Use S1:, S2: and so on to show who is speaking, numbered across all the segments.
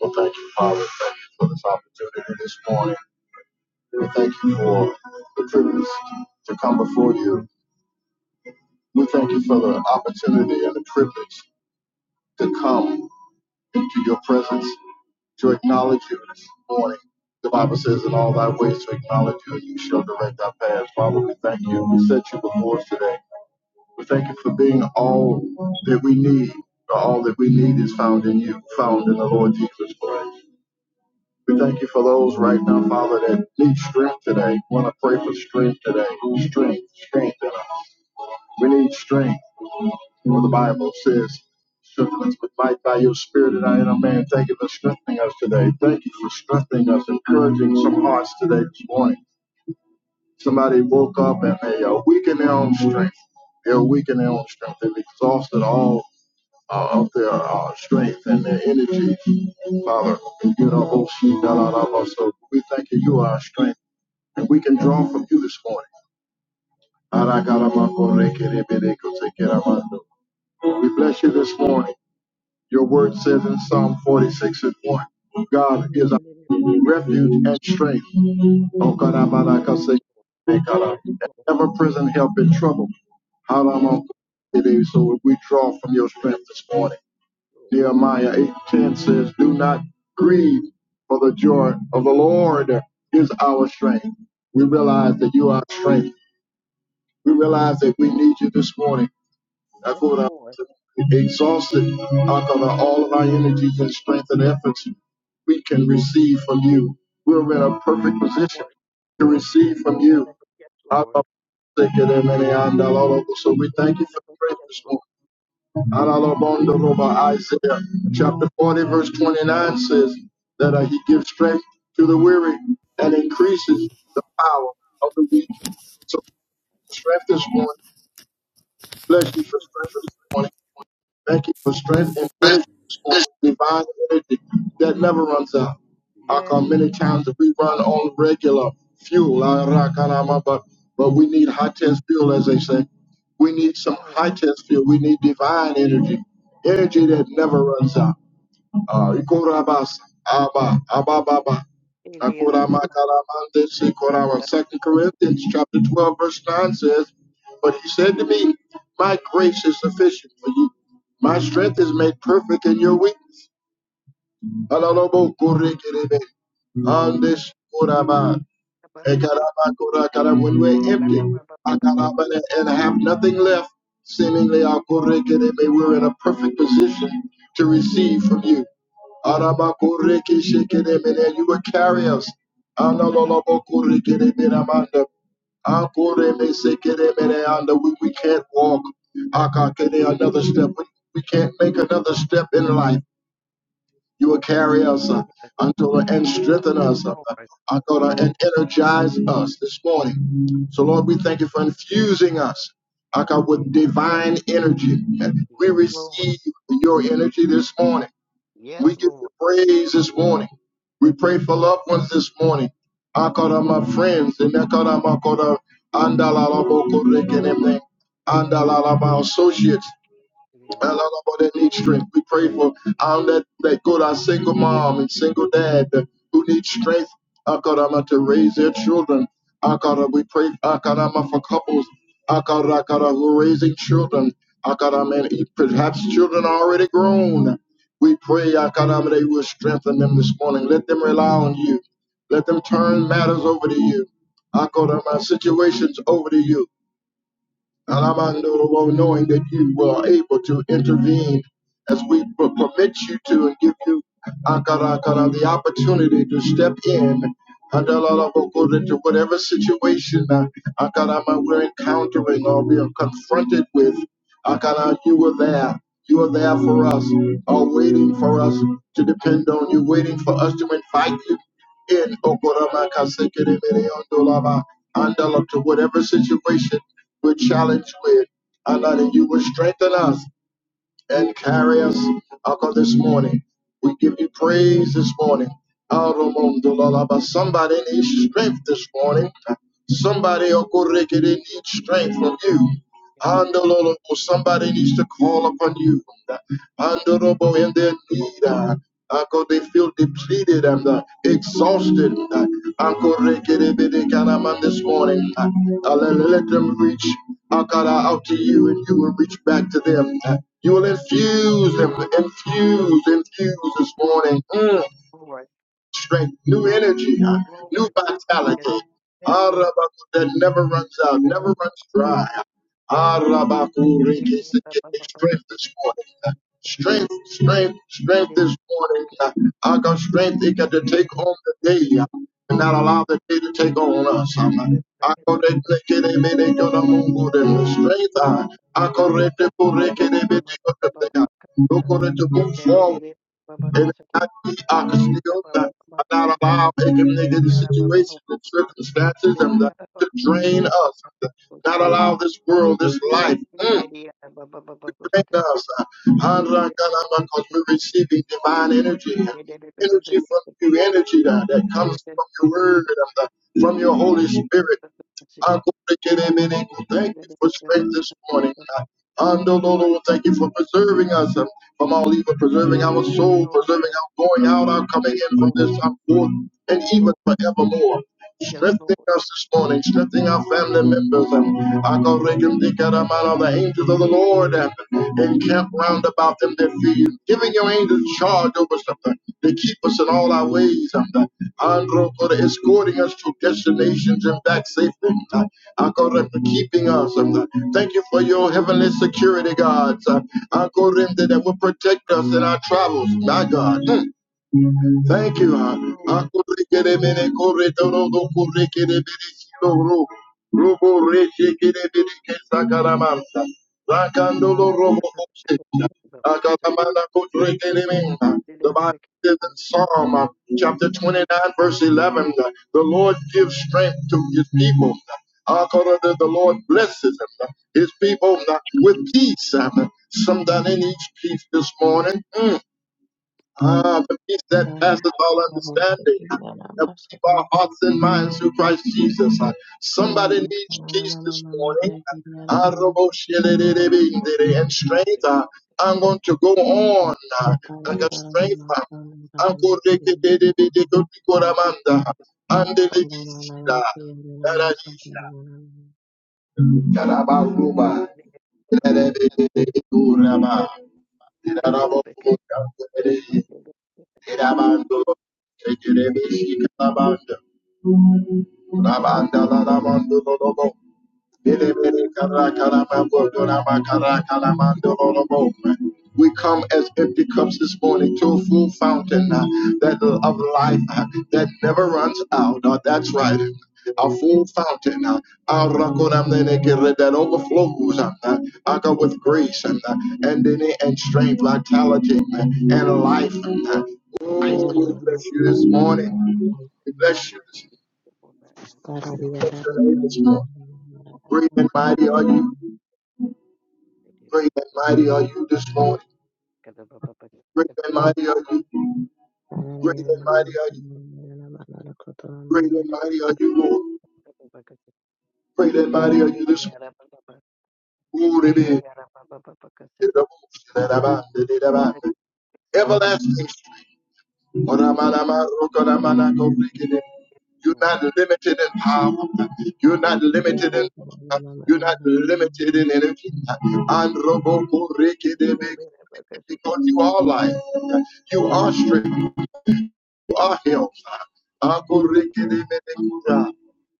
S1: Well, thank you, Father. Thank you for this opportunity this morning. We thank you for the privilege to come before you. We thank you for the opportunity and the privilege to come into your presence, to acknowledge you this morning. The Bible says, in all thy ways to acknowledge you, and you shall direct our paths. Father, we thank you. We set you before us today. We thank you for being all that we need. For all that we need is found in you, found in the Lord Jesus Christ. We thank you for those right now, Father, that need strength today. We want to pray for strength today. Strength, strength. in us. We need strength. For the Bible says, strengthen us with might by your spirit and I inner man. Thank you for strengthening us today. Thank you for strengthening us, encouraging some hearts today this morning. Somebody woke up and they are weak in their own strength. They're weak in their own strength. They've exhausted all uh, of their uh, strength and their energy, Father. get our whole sheet out of us. So we thank you, you are our strength, and we can draw from you this morning. We bless you this morning. Your word says in Psalm 46 and 1,
S2: Yes,
S1: God is our
S2: Lord.
S1: refuge and strength. Okarabarakasekerekara.
S2: Yes,
S1: An
S2: Lord.
S1: ever present help in trouble.
S2: Yes,
S1: Haramakorekerebe. So we draw from your strength this morning.
S2: Lord.
S1: Nehemiah 8:10 says, Do not grieve, for the joy of the Lord is our strength. We realize
S2: Yes,
S1: that you are our strength. We realize that we need you this morning. I
S2: Yes,
S1: go down
S2: Lord.
S1: to exhausted out of all of our energies and strength and efforts we can receive from you. We're in a perfect position
S2: Lord.
S1: to receive from
S2: Yes,
S1: you. So we thank you for
S2: Lord.
S1: strength
S2: Yes,
S1: this morning.
S2: Lord.
S1: Alalabondaroba, Isaiah chapter 40, verse 29 says that uh, he gives strength to the weary and increases the power of the weak. So, strength this morning, bless you for strength this morning. Thank you for strength and energy this morning, divine energy that never runs out. How
S2: Yes,
S1: come many times that we run on regular fuel, ah, ra, but, but we
S2: shit.
S1: need high test fuel, as they say. We
S2: yes,
S1: need some
S2: Lord.
S1: high test fuel. We need divine energy,
S2: Yes,
S1: energy that
S2: Lord.
S1: never runs out. Uh, iko, Abba, Abba, Baba.
S2: Yes,
S1: Akura, ma,
S2: Lord.
S1: ka, si,
S2: Yes,
S1: Second Corinthians chapter 12, verse 9 says, But he said to me, My grace is sufficient for you. My strength is made perfect in your weakness. And this Kuraba, Ekaraba Kura Kara, when we're empty, Akaraba, and have nothing left, seemingly Akure Kerebe, we're in a perfect position to receive from you. Araba Kure Keshe and you will carry us. Analolobo Kure Kerebe Ramanda, Akure Mese Kerebe Anda, we we can't walk. Akakere, another step. We we can't make another step in life. You will carry us, uh, until the end, strengthen us, uh, until the end, energize us this morning. So, Lord, we thank you for infusing us uh, God, with divine energy. And we
S2: yes, Lord. Yes, Lord.
S1: receive your energy this morning.
S2: Yes,
S1: We give
S2: Lord.
S1: you praise this morning. We pray for loved ones this morning. I call on my friends and I call on my call on- and I love and everything. And my associates. And Lord, Lord, Lord, that need strength. We pray for um, that, that good, our single mom and single dad uh, who need strength, uh, God, I'm to raise their children. Uh, God, we pray uh, God, I'm for couples uh, God, uh, God, who are raising children. Uh, God, I'm in, perhaps children are already grown. We pray, uh, God, I'm, that you will strengthen them this morning. Let them rely on you. Let them turn matters over to you. I call uh, situations over to you. Alamando, well, knowing that you were able to intervene as we per- permit you to and give you Akara, the opportunity to step in Andalala, according to whatever situation uh, Akara, we're encountering or we are confronted with. Akara, you were there. You are there for us, are waiting for us to depend on you, waiting for us to invite you in Okorama Kasekere Mere Ondolaba, Andala, to whatever situation would challenge with, and that you will strengthen us and carry us uncle this morning. We give you praise this morning. Arumundulaba. Somebody needs strength this morning. Somebody Okureke, they needs strength from you.
S2: Yes, Lord.
S1: Andololo, Somebody needs to call upon you. Adorable in their need. Uh, Uncle, they feel depleted and uh, exhausted. Uh, Uncle, Rekedebedekanaman this morning. Uh, uh, let, let them reach Akara out to you and you will reach back to them. Uh, you will infuse them, infuse, infuse this morning. Mm strength, new energy, huh? new
S2: Lord.
S1: vitality. Arabaku that never runs out, never runs dry. Arabaku
S2: Yes,
S1: riki siki.
S2: yes,
S1: Strength
S2: Lord.
S1: this morning. huh? Strength, strength, strength
S2: Lady,
S1: this morning. huh? I got strength, it got to take home the day huh? and not allow the day to take on us. huh? I go to the kitty, me, they go to mungu, them the strength. huh? I go to the puriki, they be, they go to move forward. And I, I can still not, I'm not allowed any negative situations and circumstances and the, to drain us. Not allow this world, this life, mm, to drain us. Hallelujah, Because we're receiving divine energy. Energy from you, energy that, that comes from your word, and the, from your Holy Spirit. I go to get him in. it. Thank you for strength this morning. Ando Lolo, thank you for preserving us um, from all evil, preserving our soul, preserving our going out, our coming
S2: Yes,
S1: in from
S2: Lord.
S1: this time forth,
S2: Yes,
S1: and
S2: Lord.
S1: even forevermore
S2: Yes, Lord.
S1: strengthening us this morning, strengthening our
S2: Yes,
S1: family members, and Akarekindikarabara, the angels of the Lord, and encamp round about them that fear you, giving your angels charge over something to keep us in all our ways, and Androkora escorting us to destinations and back safely, uh, Akore, for keeping us. uh, thank you for your heavenly security, God, uh, Akore, that will protect us in our travels, my God. Hmm. Thank you. ah.
S2: Lord.
S1: Akorekeremene koretorodo korekeremene shiroro. Robo reshekeremene kesakaramanta. Rakandolo
S2: Thank
S1: robo
S2: you,
S1: oshekina.
S2: Lord, because you
S1: Akaramana korekeremena.
S2: did
S1: The
S2: it with the
S1: Bible says in
S2: kingdom,
S1: Psalm ah, chapter
S2: and I
S1: 29, verse 11, ah, the Lord gives strength to his people. According to the Lord blesses him, his people uh, with peace. Uh, Somebody needs peace this morning. Mm. Ah, the peace that
S3: Thank
S1: passes all understanding. That we keep our hearts and minds through Christ Jesus. Ah, Somebody needs peace this morning. Ah, robo-shele-de-de-bing-de-de. And strength.
S2: thank you.
S1: Ah, I'm going to go on. Ah, I got strength. Ah, I'm going to get
S2: Yes,
S1: it. And the Karabaruba.
S2: Lord. because you
S1: Karabaruba.
S2: did it with the kingdom, and I thank you.
S1: Irabando, Tejerebishi Kalabanda, Rabanda Lalamando Lobo, we come as empty cups this morning to a full fountain uh, that of life uh, that never runs out. Uh, That's right.
S2: Thank
S1: A
S2: you, Lord, because
S1: full fountain uh, our rakonamenekere, that overflows uh, uh, with grace and, uh, and, and strength, vitality, uh, and life. uh. uh. Oh, we bless you this morning. We bless you this
S2: you
S1: morning.
S2: did it for my eye, my heart,
S1: We bless your name this morning. Great and mighty are you.
S2: my
S1: Great
S2: dignity.
S1: and mighty are you this morning.
S2: Because of Papa, because
S1: Great
S2: of
S1: and
S2: Papa, because of Papa, because of Papa,
S1: mighty are you. Great
S2: because of
S1: and
S2: Papa,
S1: mighty are you. Great and mighty are you, Lord.
S2: because of
S1: Great and mighty are you
S2: Ili
S1: this
S2: ara Papa, Papa,
S1: morning. Glory be
S2: Ili
S1: to
S2: ara Papa, Papa, because of Papa,
S1: the
S2: Ili
S1: Most
S2: ara
S1: High.
S2: Papa, because of Papa.
S1: Everlasting. You're not
S2: Yes,
S1: limited in power. You're not limited in you're not limited in energy. And Robo Koreke de Big, because you are life. You are strength. our help. Akorekedebedekura.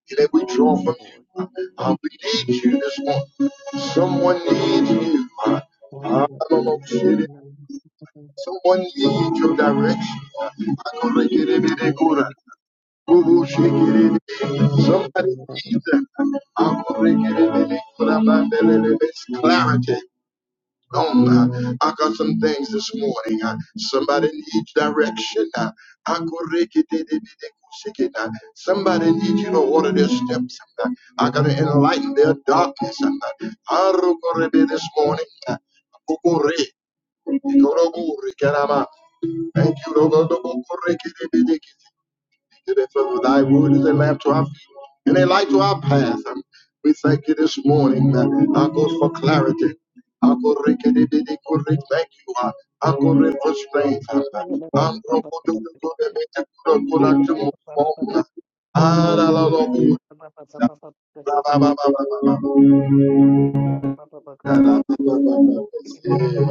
S1: That we draw from
S2: Lord.
S1: you. Uh, we need you this morning. Someone needs you. Uh, I don't know, shit. Someone needs your direction. Uh,
S3: you.
S1: Akorekedebedekura. Ubushikiriri. Somebody needs that. Akorekedebedekura. Mandelelebes. Clarity on. Uh, I got some things this morning. Uh, somebody needs direction. Uh, I could rake it, it, it, it, it, shake it, uh, Somebody needs you to order their steps. Uh, I got to enlighten their darkness. Uh, I rook this morning. Uh, Kokore, Korogore, Karama. Thank you. Lord. Kokore, Kerebe, Deke, you that for thy word is a lamp to our feet and a light to our path. And we thank you this morning, uh, our God, for clarity. Our God, rekedebede, God, we Thank you, uh, our God, we for strength. uh, our God, for the good
S2: Yeah.
S1: that we can do, God,
S2: Ele
S1: God, and to move forward. Ah, la, la, la, good. Uh, Ba, ba, ba, ba, ba, ba, ba. Da, da, ba, ba, ba, ba, ba. Yeah.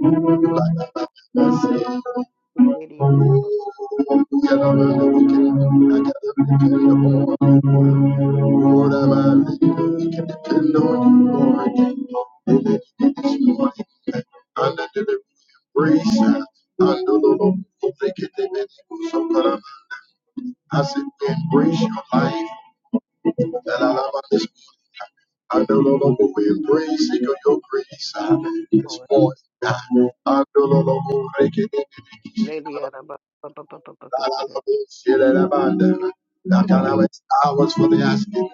S1: Ba, ba, ba, ba, ba. Lord, I'm a- we can depend on you, Lord. We lift you this morning under the embrace, uh, under the Lord, we thank you, they made you so good. Um, we embrace your life. And I love this morning. the Lord, we embrace it, your grace uh, this morning. i Under the Lord, we thank you, so Shilelabanda. That hours for the asking.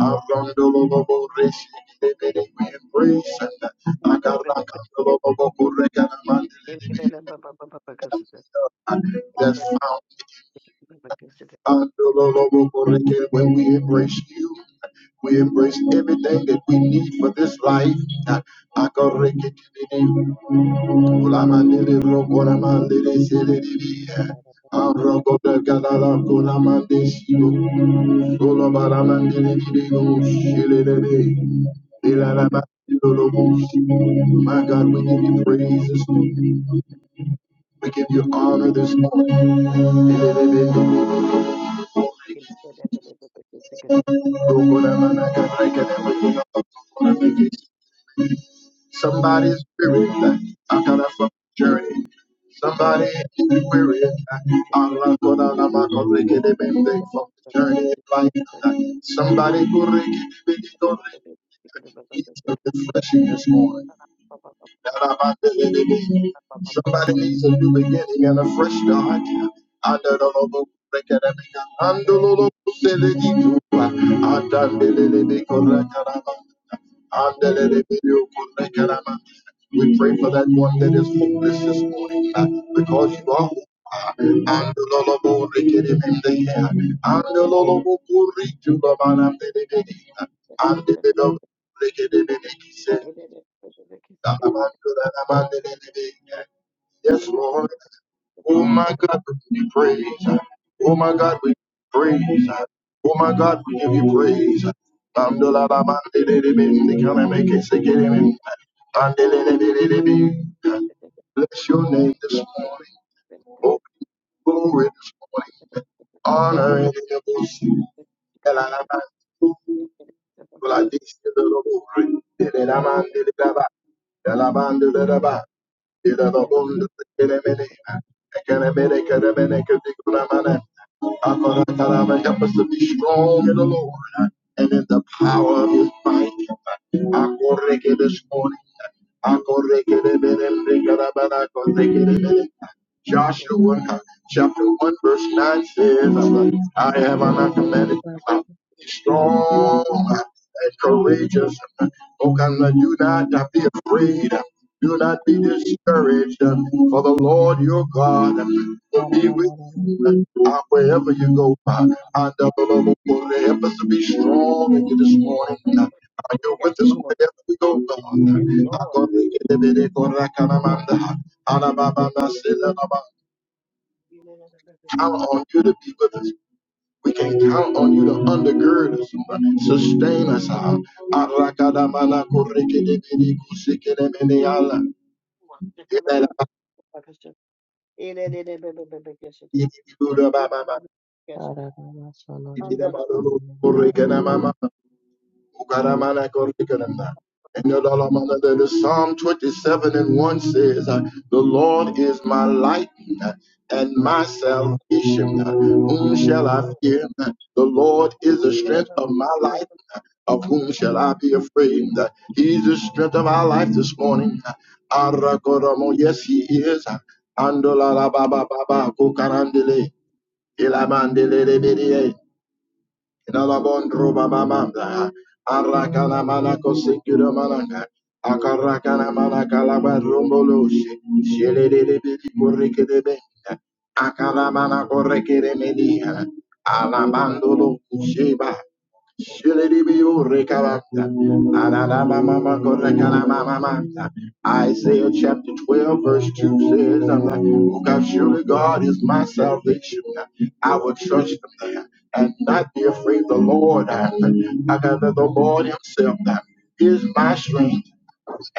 S1: Arondolobo reshi lebede. We embrace and That's found when we embrace you. We embrace everything that we need for this life. Kulamandiri Rokoramandiri Siririya Arrokotakanala Kulamandi Shivo Solobaramandiri Digo Shiliri Ilalamandiroshi My God, we give you praise this morning. We give you honor this morning. Rokoramanakarekanamakunakakuramakis. Somebody's weary, I got a fucking journey. Somebody is weary, I'm not I'm not gonna make it a from the journey of life. Somebody go ricky, biggie, go ricky, it's a refreshing this morning. Somebody needs a new beginning and a fresh start. We pray for that one that is hopeless this morning uh, because you are hope. uh, andalolo, rekeremende, uh, andalolo, kuritu, babana, delelebe, uh, andelelo, rekeremende, Yes, Lord. Oh my God, we give you praise. Oh my God, we give you praise. Oh my God, we give you praise. Mandela la mandelelebe, can I make Mandelelebelebe. Bless your name this morning. Oh, glory this morning. Honor and devotion. Vladishe de la Buri, de la Mande de la Ba, de la Mande de la Ba, de la Bunda de Kenemene, Kenemene, Kenemene, Kedikuramane. Akarama, Help us to be strong in the Lord huh? and in the power of his might. Akoreke this morning. Akoreke de Bene, Rekarabana, Akoreke de Bene. Joshua huh? chapter 1, verse 9 says, I have not commanded strong and courageous. Oh, come, do not be afraid. Do not be discouraged, for the Lord your God will be with you uh, wherever you go. Uh, And uh, help us to be strong in you this morning. Uh, You're
S2: Yes,
S1: with us
S2: Lord.
S1: wherever we go, God. I'm
S2: Yes, Lord. Ele
S1: on you to be with us. We can count on you to undergird us, sustain us. ah. Arakadamanakurikidibidikusikenemeneala. Ibedabadidibidudabababaha. Ibidabadudukurikidamama. And the Lord the- Psalm 27 and 1 says, uh, The Lord is my light uh, and my salvation. uh, Whom shall I fear? Uh, The Lord is the strength of my life. uh, Of whom shall I be afraid? Uh, He's the strength of our life this morning. Uh, Yes, He is. Uh, Andola la ba ba ba ilamandele Dalabondro bababanda. Arakana manako sekiro manaka. Akarakana manaka laba romboloshi. Shelelele bili kurike de benda. Akana manako reke de media. Alabandolo kusheba. Shilidibiyu rekabata. Ananamamama korekanamamamata. Isaiah chapter 12, verse 2 says, um, God, Surely God is my salvation. I will trust him uh, and not be afraid. The Lord, uh, I got the Lord Himself uh, is my strength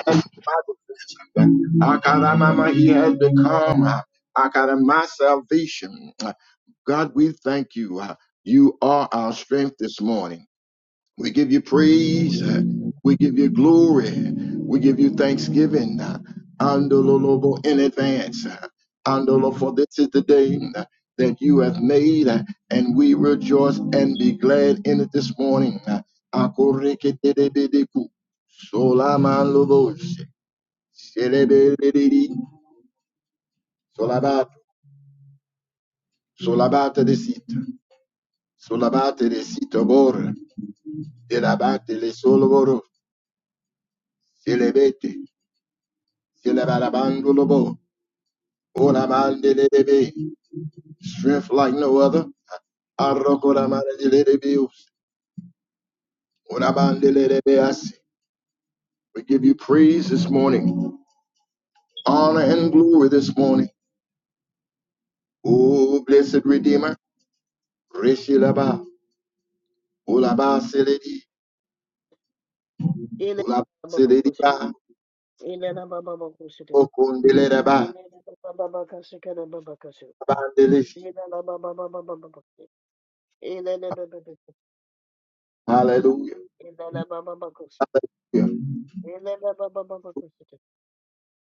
S1: and my defense. Akaramama, He has become uh, Akara, my salvation. God, we thank you. uh, You are our strength this morning. We give you praise. We give you glory. We give you thanksgiving. uh, Andololobo in advance. uh, Andolo, for this is the day uh, that you have made, uh, and we rejoice and be glad in it this morning. uh, Akoreketedebedeku. Solamanloboshe. Shelebeleleli. Solabato. Solabate de sita. Solabate de sita bor. Delabate le soloboro. Selebete. Yelabarabandulobo, Orabandelebe, Strength like no other. Arokoramanadelebeus, Orabandelebeas. We give you praise this morning, honor and glory this morning. Oh, blessed Redeemer. Reshilaba, Olabaseledi, Olabaselediba, Okondeleba, Abandeleshi. Hallelujah. Hallelujah.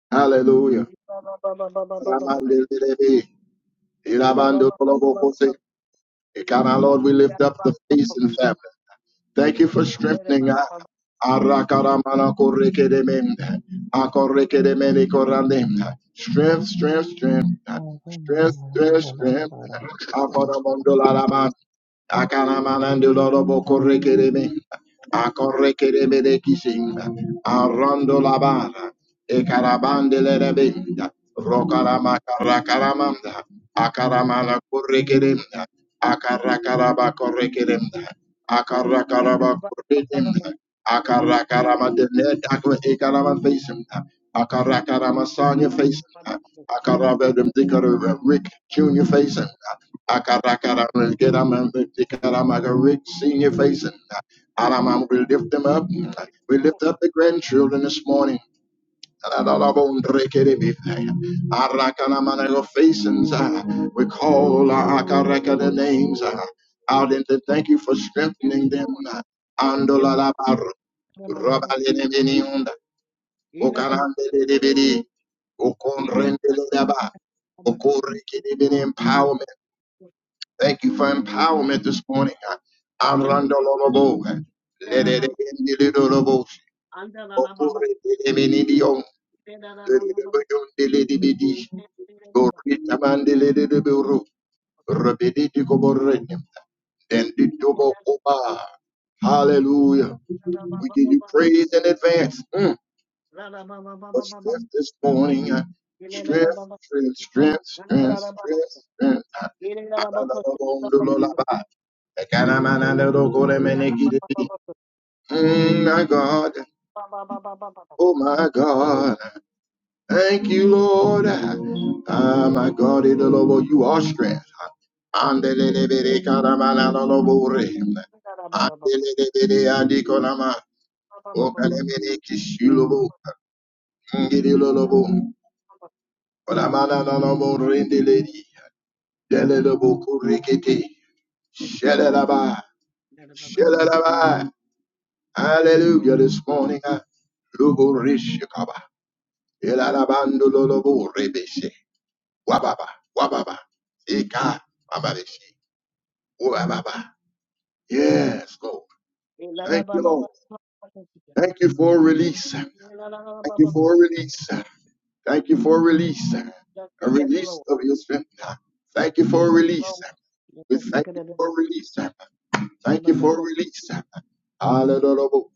S1: Hallelujah. Oramandelebe, Elabandolobokose. God, our Lord, we lift up the face and family. Thank you for strengthening us. Arakaramana korekedemem. Akorekedemene korandem. Strength, strength, strength. Strength, strength, strength. Afaramondolama Akaramanandolorobo
S2: Yes, Lord.
S1: korekereme. Akorekereme de kisimba. Arando la bara. Ekarabande le rebenda. Rokarama karakaramanda. Akaramana korekeremda. Akarakaraba korekeremda. Akarakaraba korekeremda. Akarakarama dene dakwa ekarama facing. Akarakarama Sonia facing. Akaravedum dikaru Rick Junior facing. Akarakarama Gerama dikarama Rick Senior facing. Alamam, we lift them up. We lift up the grandchildren this morning. Facings,
S2: Yes, Lord.
S1: we call our Akaraka the names uh, out and to thank you for
S2: Yes,
S1: strengthening them.
S2: Lord.
S1: uh,
S2: Yes,
S1: Andolalabar,
S2: Lord.
S1: Rabalenebeniunda,
S2: Yes,
S1: Okarandelebedi, Okonrendeleba, Okorekedebeni Empowerment. Thank you for empowerment this morning. uh,
S2: Yes,
S1: Arandololobo, Lederebendilidolobo, Okorekedebenidio, Hallelujah. We give you praise in advance. Mm. For strength this morning. uh, Strength, strength, strength, strength, strength, strength. Uh, Mm, my God. Oh, my God. Thank you, Lord. Ah, my God, Idolobo, you are strength. Andelelebele karamana lolobore. Andelelebele adikolama. Okalemene kishilobo. Ngidilolobo. Olamana lolobore ndeledi. Delelebo kurikete. Shelelaba. Shelelaba. Hallelujah this morning. ah. Luborishikaba. Elalabandololobo rebeshe. Wababa, wababa, eka, wababishi, wababa. Yes, Lord. Thank you, Lord. Thank you for a release. Thank you for a release. Thank you for a release. A
S2: Yes,
S1: release
S2: Lord.
S1: of your strength. Thank you for a
S2: Yes,
S1: release.
S2: Lord.
S1: We thank you for a release. Thank you for a release. Hallelujah.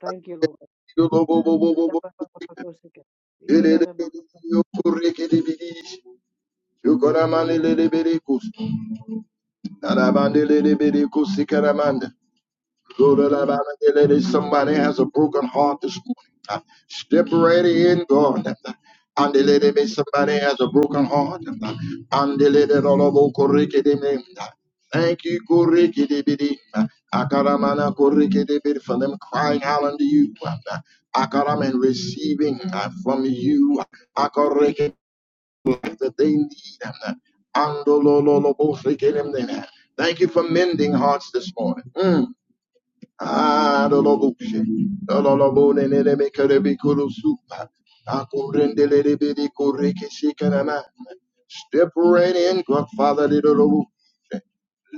S2: Thank you, Lord.
S1: Somebody has a broken heart this morning. Uh, Step right in, God. And the lady, may somebody has a broken heart. And the lady, all of all, correct them. Thank you, Koriki Dibidi. Akaramana Koriki Dibidi for them crying out unto you. Akaram and receiving uh, from you. Akoriki that they need. Andolololobo Thank you for mending hearts this morning. Mm. Adolobushe. Dololobone nerebekerebe kurusupa. Akurendelerebede korekeshekanana. Step right in, Godfather. Lidolobu.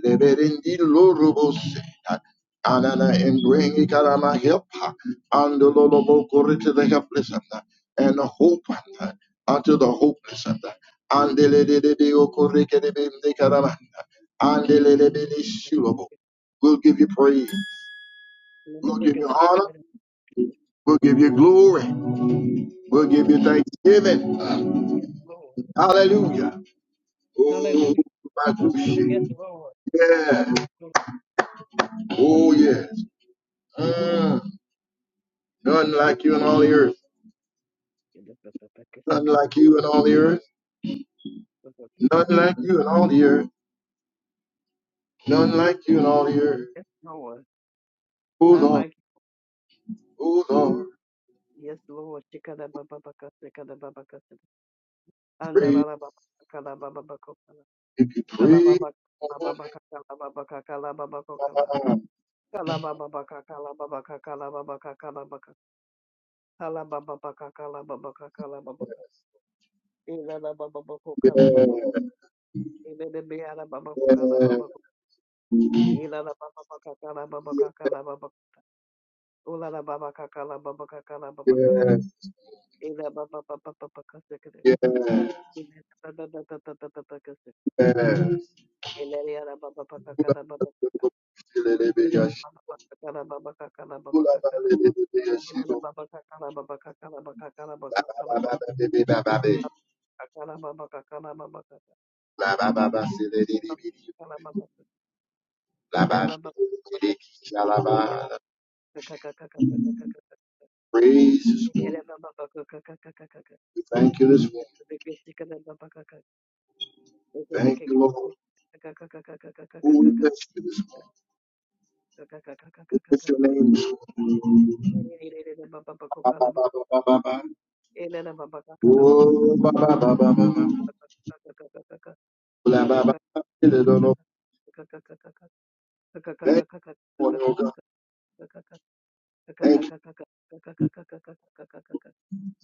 S1: Leberendi lorobose. Anana and bring Ikarama help and the Lolobokore to the helpless and hope unto the hopeless and the Lady Okoreke de Karama and the Lady Shulabo. We'll give you praise. We'll give you honor. We'll give you glory. We'll give you thanksgiving.
S2: Yes, Lord.
S1: Hallelujah. Oh,
S2: Hallelujah.
S1: my
S2: Yes,
S1: Matushe.
S2: Lord. Yes,
S1: Yes.
S2: Lord.
S1: Oh, yes. Mm. None like you in all the earth. None like you in all the earth. None like you in all the earth. None like you in all the earth.
S2: Yes, Lord,
S1: Oh,
S2: None
S1: Lord.
S2: like
S1: Oh,
S2: you.
S1: Lord.
S2: Yes, Lord. Shikada baba baka shikada baba kasa. Andala
S1: Praise
S2: la baba kala baba bako kala.
S1: if you
S2: Kala
S1: praise
S2: baba baba
S1: Only
S2: baka kala baba kaka kala baba ko kala.
S1: God.
S2: Kala baba baka kala baba kaka kala baba kaka kala baka. Kala baba baka kala baba kaka kala baba kaka. Ila la baba bako kala
S1: Yes.
S2: baba ko. Ila de biara baba ko kala baba ko. Ila la baba baka kala baba kaka kala baba. ko. Ula la baba kaka kala baba kaka kala baba kata. Ila baba baba baba kasa kade.
S1: Yes. Yes.
S2: Ila baba baba baba baba Ilaliyara baba baka kara baba kaka. Ilala baba baka kara baba kaka la baba kaka la.
S1: Yes.
S2: Ilala
S1: Yes.
S2: baba kaka la baba kaka la baka kara baba kaka la baka
S1: Praise
S2: kaka la baba kaka la baba kaka. Kaka la baba kaka. Ilala baba baka kaka kaka kaka kaka kaka kaka.
S1: this
S2: Ilala
S1: morning.
S2: baba baka kaka kaka kaka.
S1: We thank you this morning.
S2: Bikbiki kara baba kaka. Kaka
S1: Thank
S2: kaka
S1: you, Lord.
S2: kaka kaka kaka kaka
S1: Oh, we
S2: kaka kaka.
S1: bless you this morning.
S2: Kaka kaka
S1: We
S2: kaka kaka
S1: bless your
S2: kaka.
S1: name this morning.
S2: Ilala baba baka
S1: Ba, ba,
S2: kala
S1: ba,
S2: baba.
S1: ba, ba, ba, ba.
S2: Ilala baba kaka la baba.
S1: Oh, ba, ba, ba, ba, ba, ba. Bla, ba, ba, ba. Thank you, Lord, oh God. Thank you.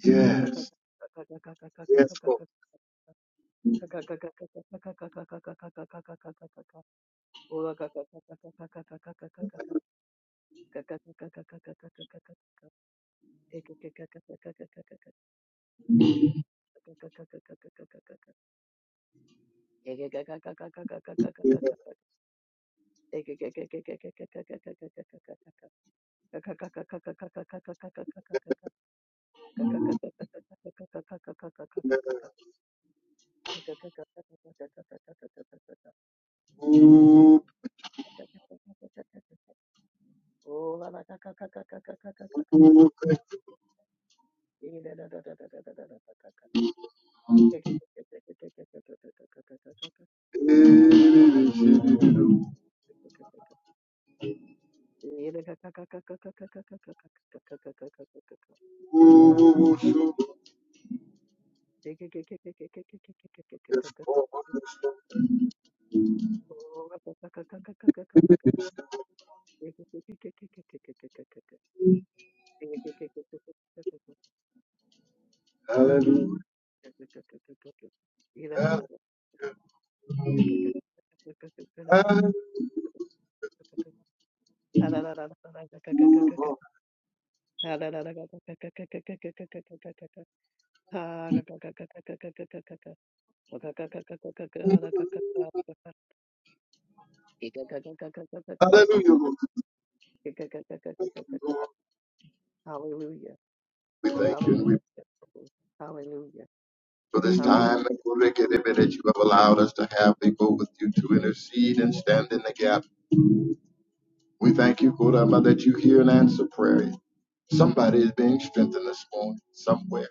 S1: Yes. Yes, Lord. Yes. yes. oh, oh, thank you. Oh, oh, oh, oh, oh. Yes, Lord. Yes, Lord.
S2: Hallelujah.
S1: Hallelujah. Hall- Hallelujah. Lord. Hallelujah. Lord. Thank you, Lord. We thank you and
S2: Hallelujah.
S1: we
S2: Hallelujah.
S1: for this
S2: Hallelujah.
S1: time and for Rick and Emmett that you have allowed us to have to go with you to intercede and stand in the gap. We thank you, Kodama, that you hear and answer prayer. Somebody is being strengthened this morning somewhere.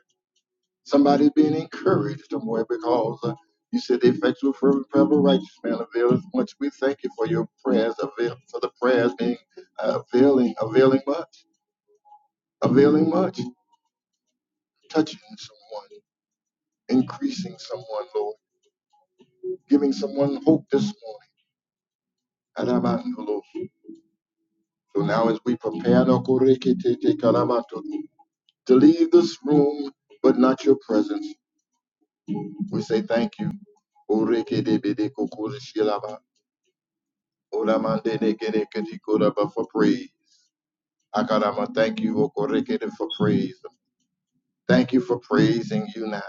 S1: Somebody's being encouraged somewhere because uh, you said the effectual fervent prayer of a righteous man avails much. We thank you for your prayers, avail, for the prayers being uh, availing, availing much, availing much, touching someone, increasing someone, Lord, giving someone hope this morning. Adamandolo. So now as we prepare no to leave this room, but not your presence, we say thank you. Orekedebede kokoreshilaba. Olamandelekereketikora, For praise. Akarama, thank you Okorekere, for praise. Thank you for praising you now,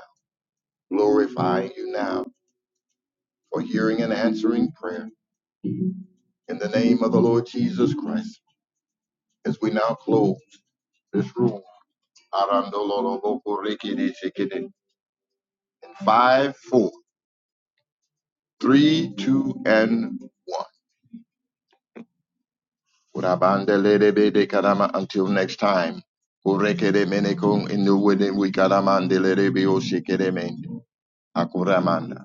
S1: glorifying you now, for hearing and answering prayer. In the name of the Lord Jesus Christ, as we now close this room. Arandololobokorekeretekere. In five, four, three, two, and one. Urabandelelebede karama. Until next time. Orekere menekon inuwede wikaramandelerebioshikeremen. Akuraman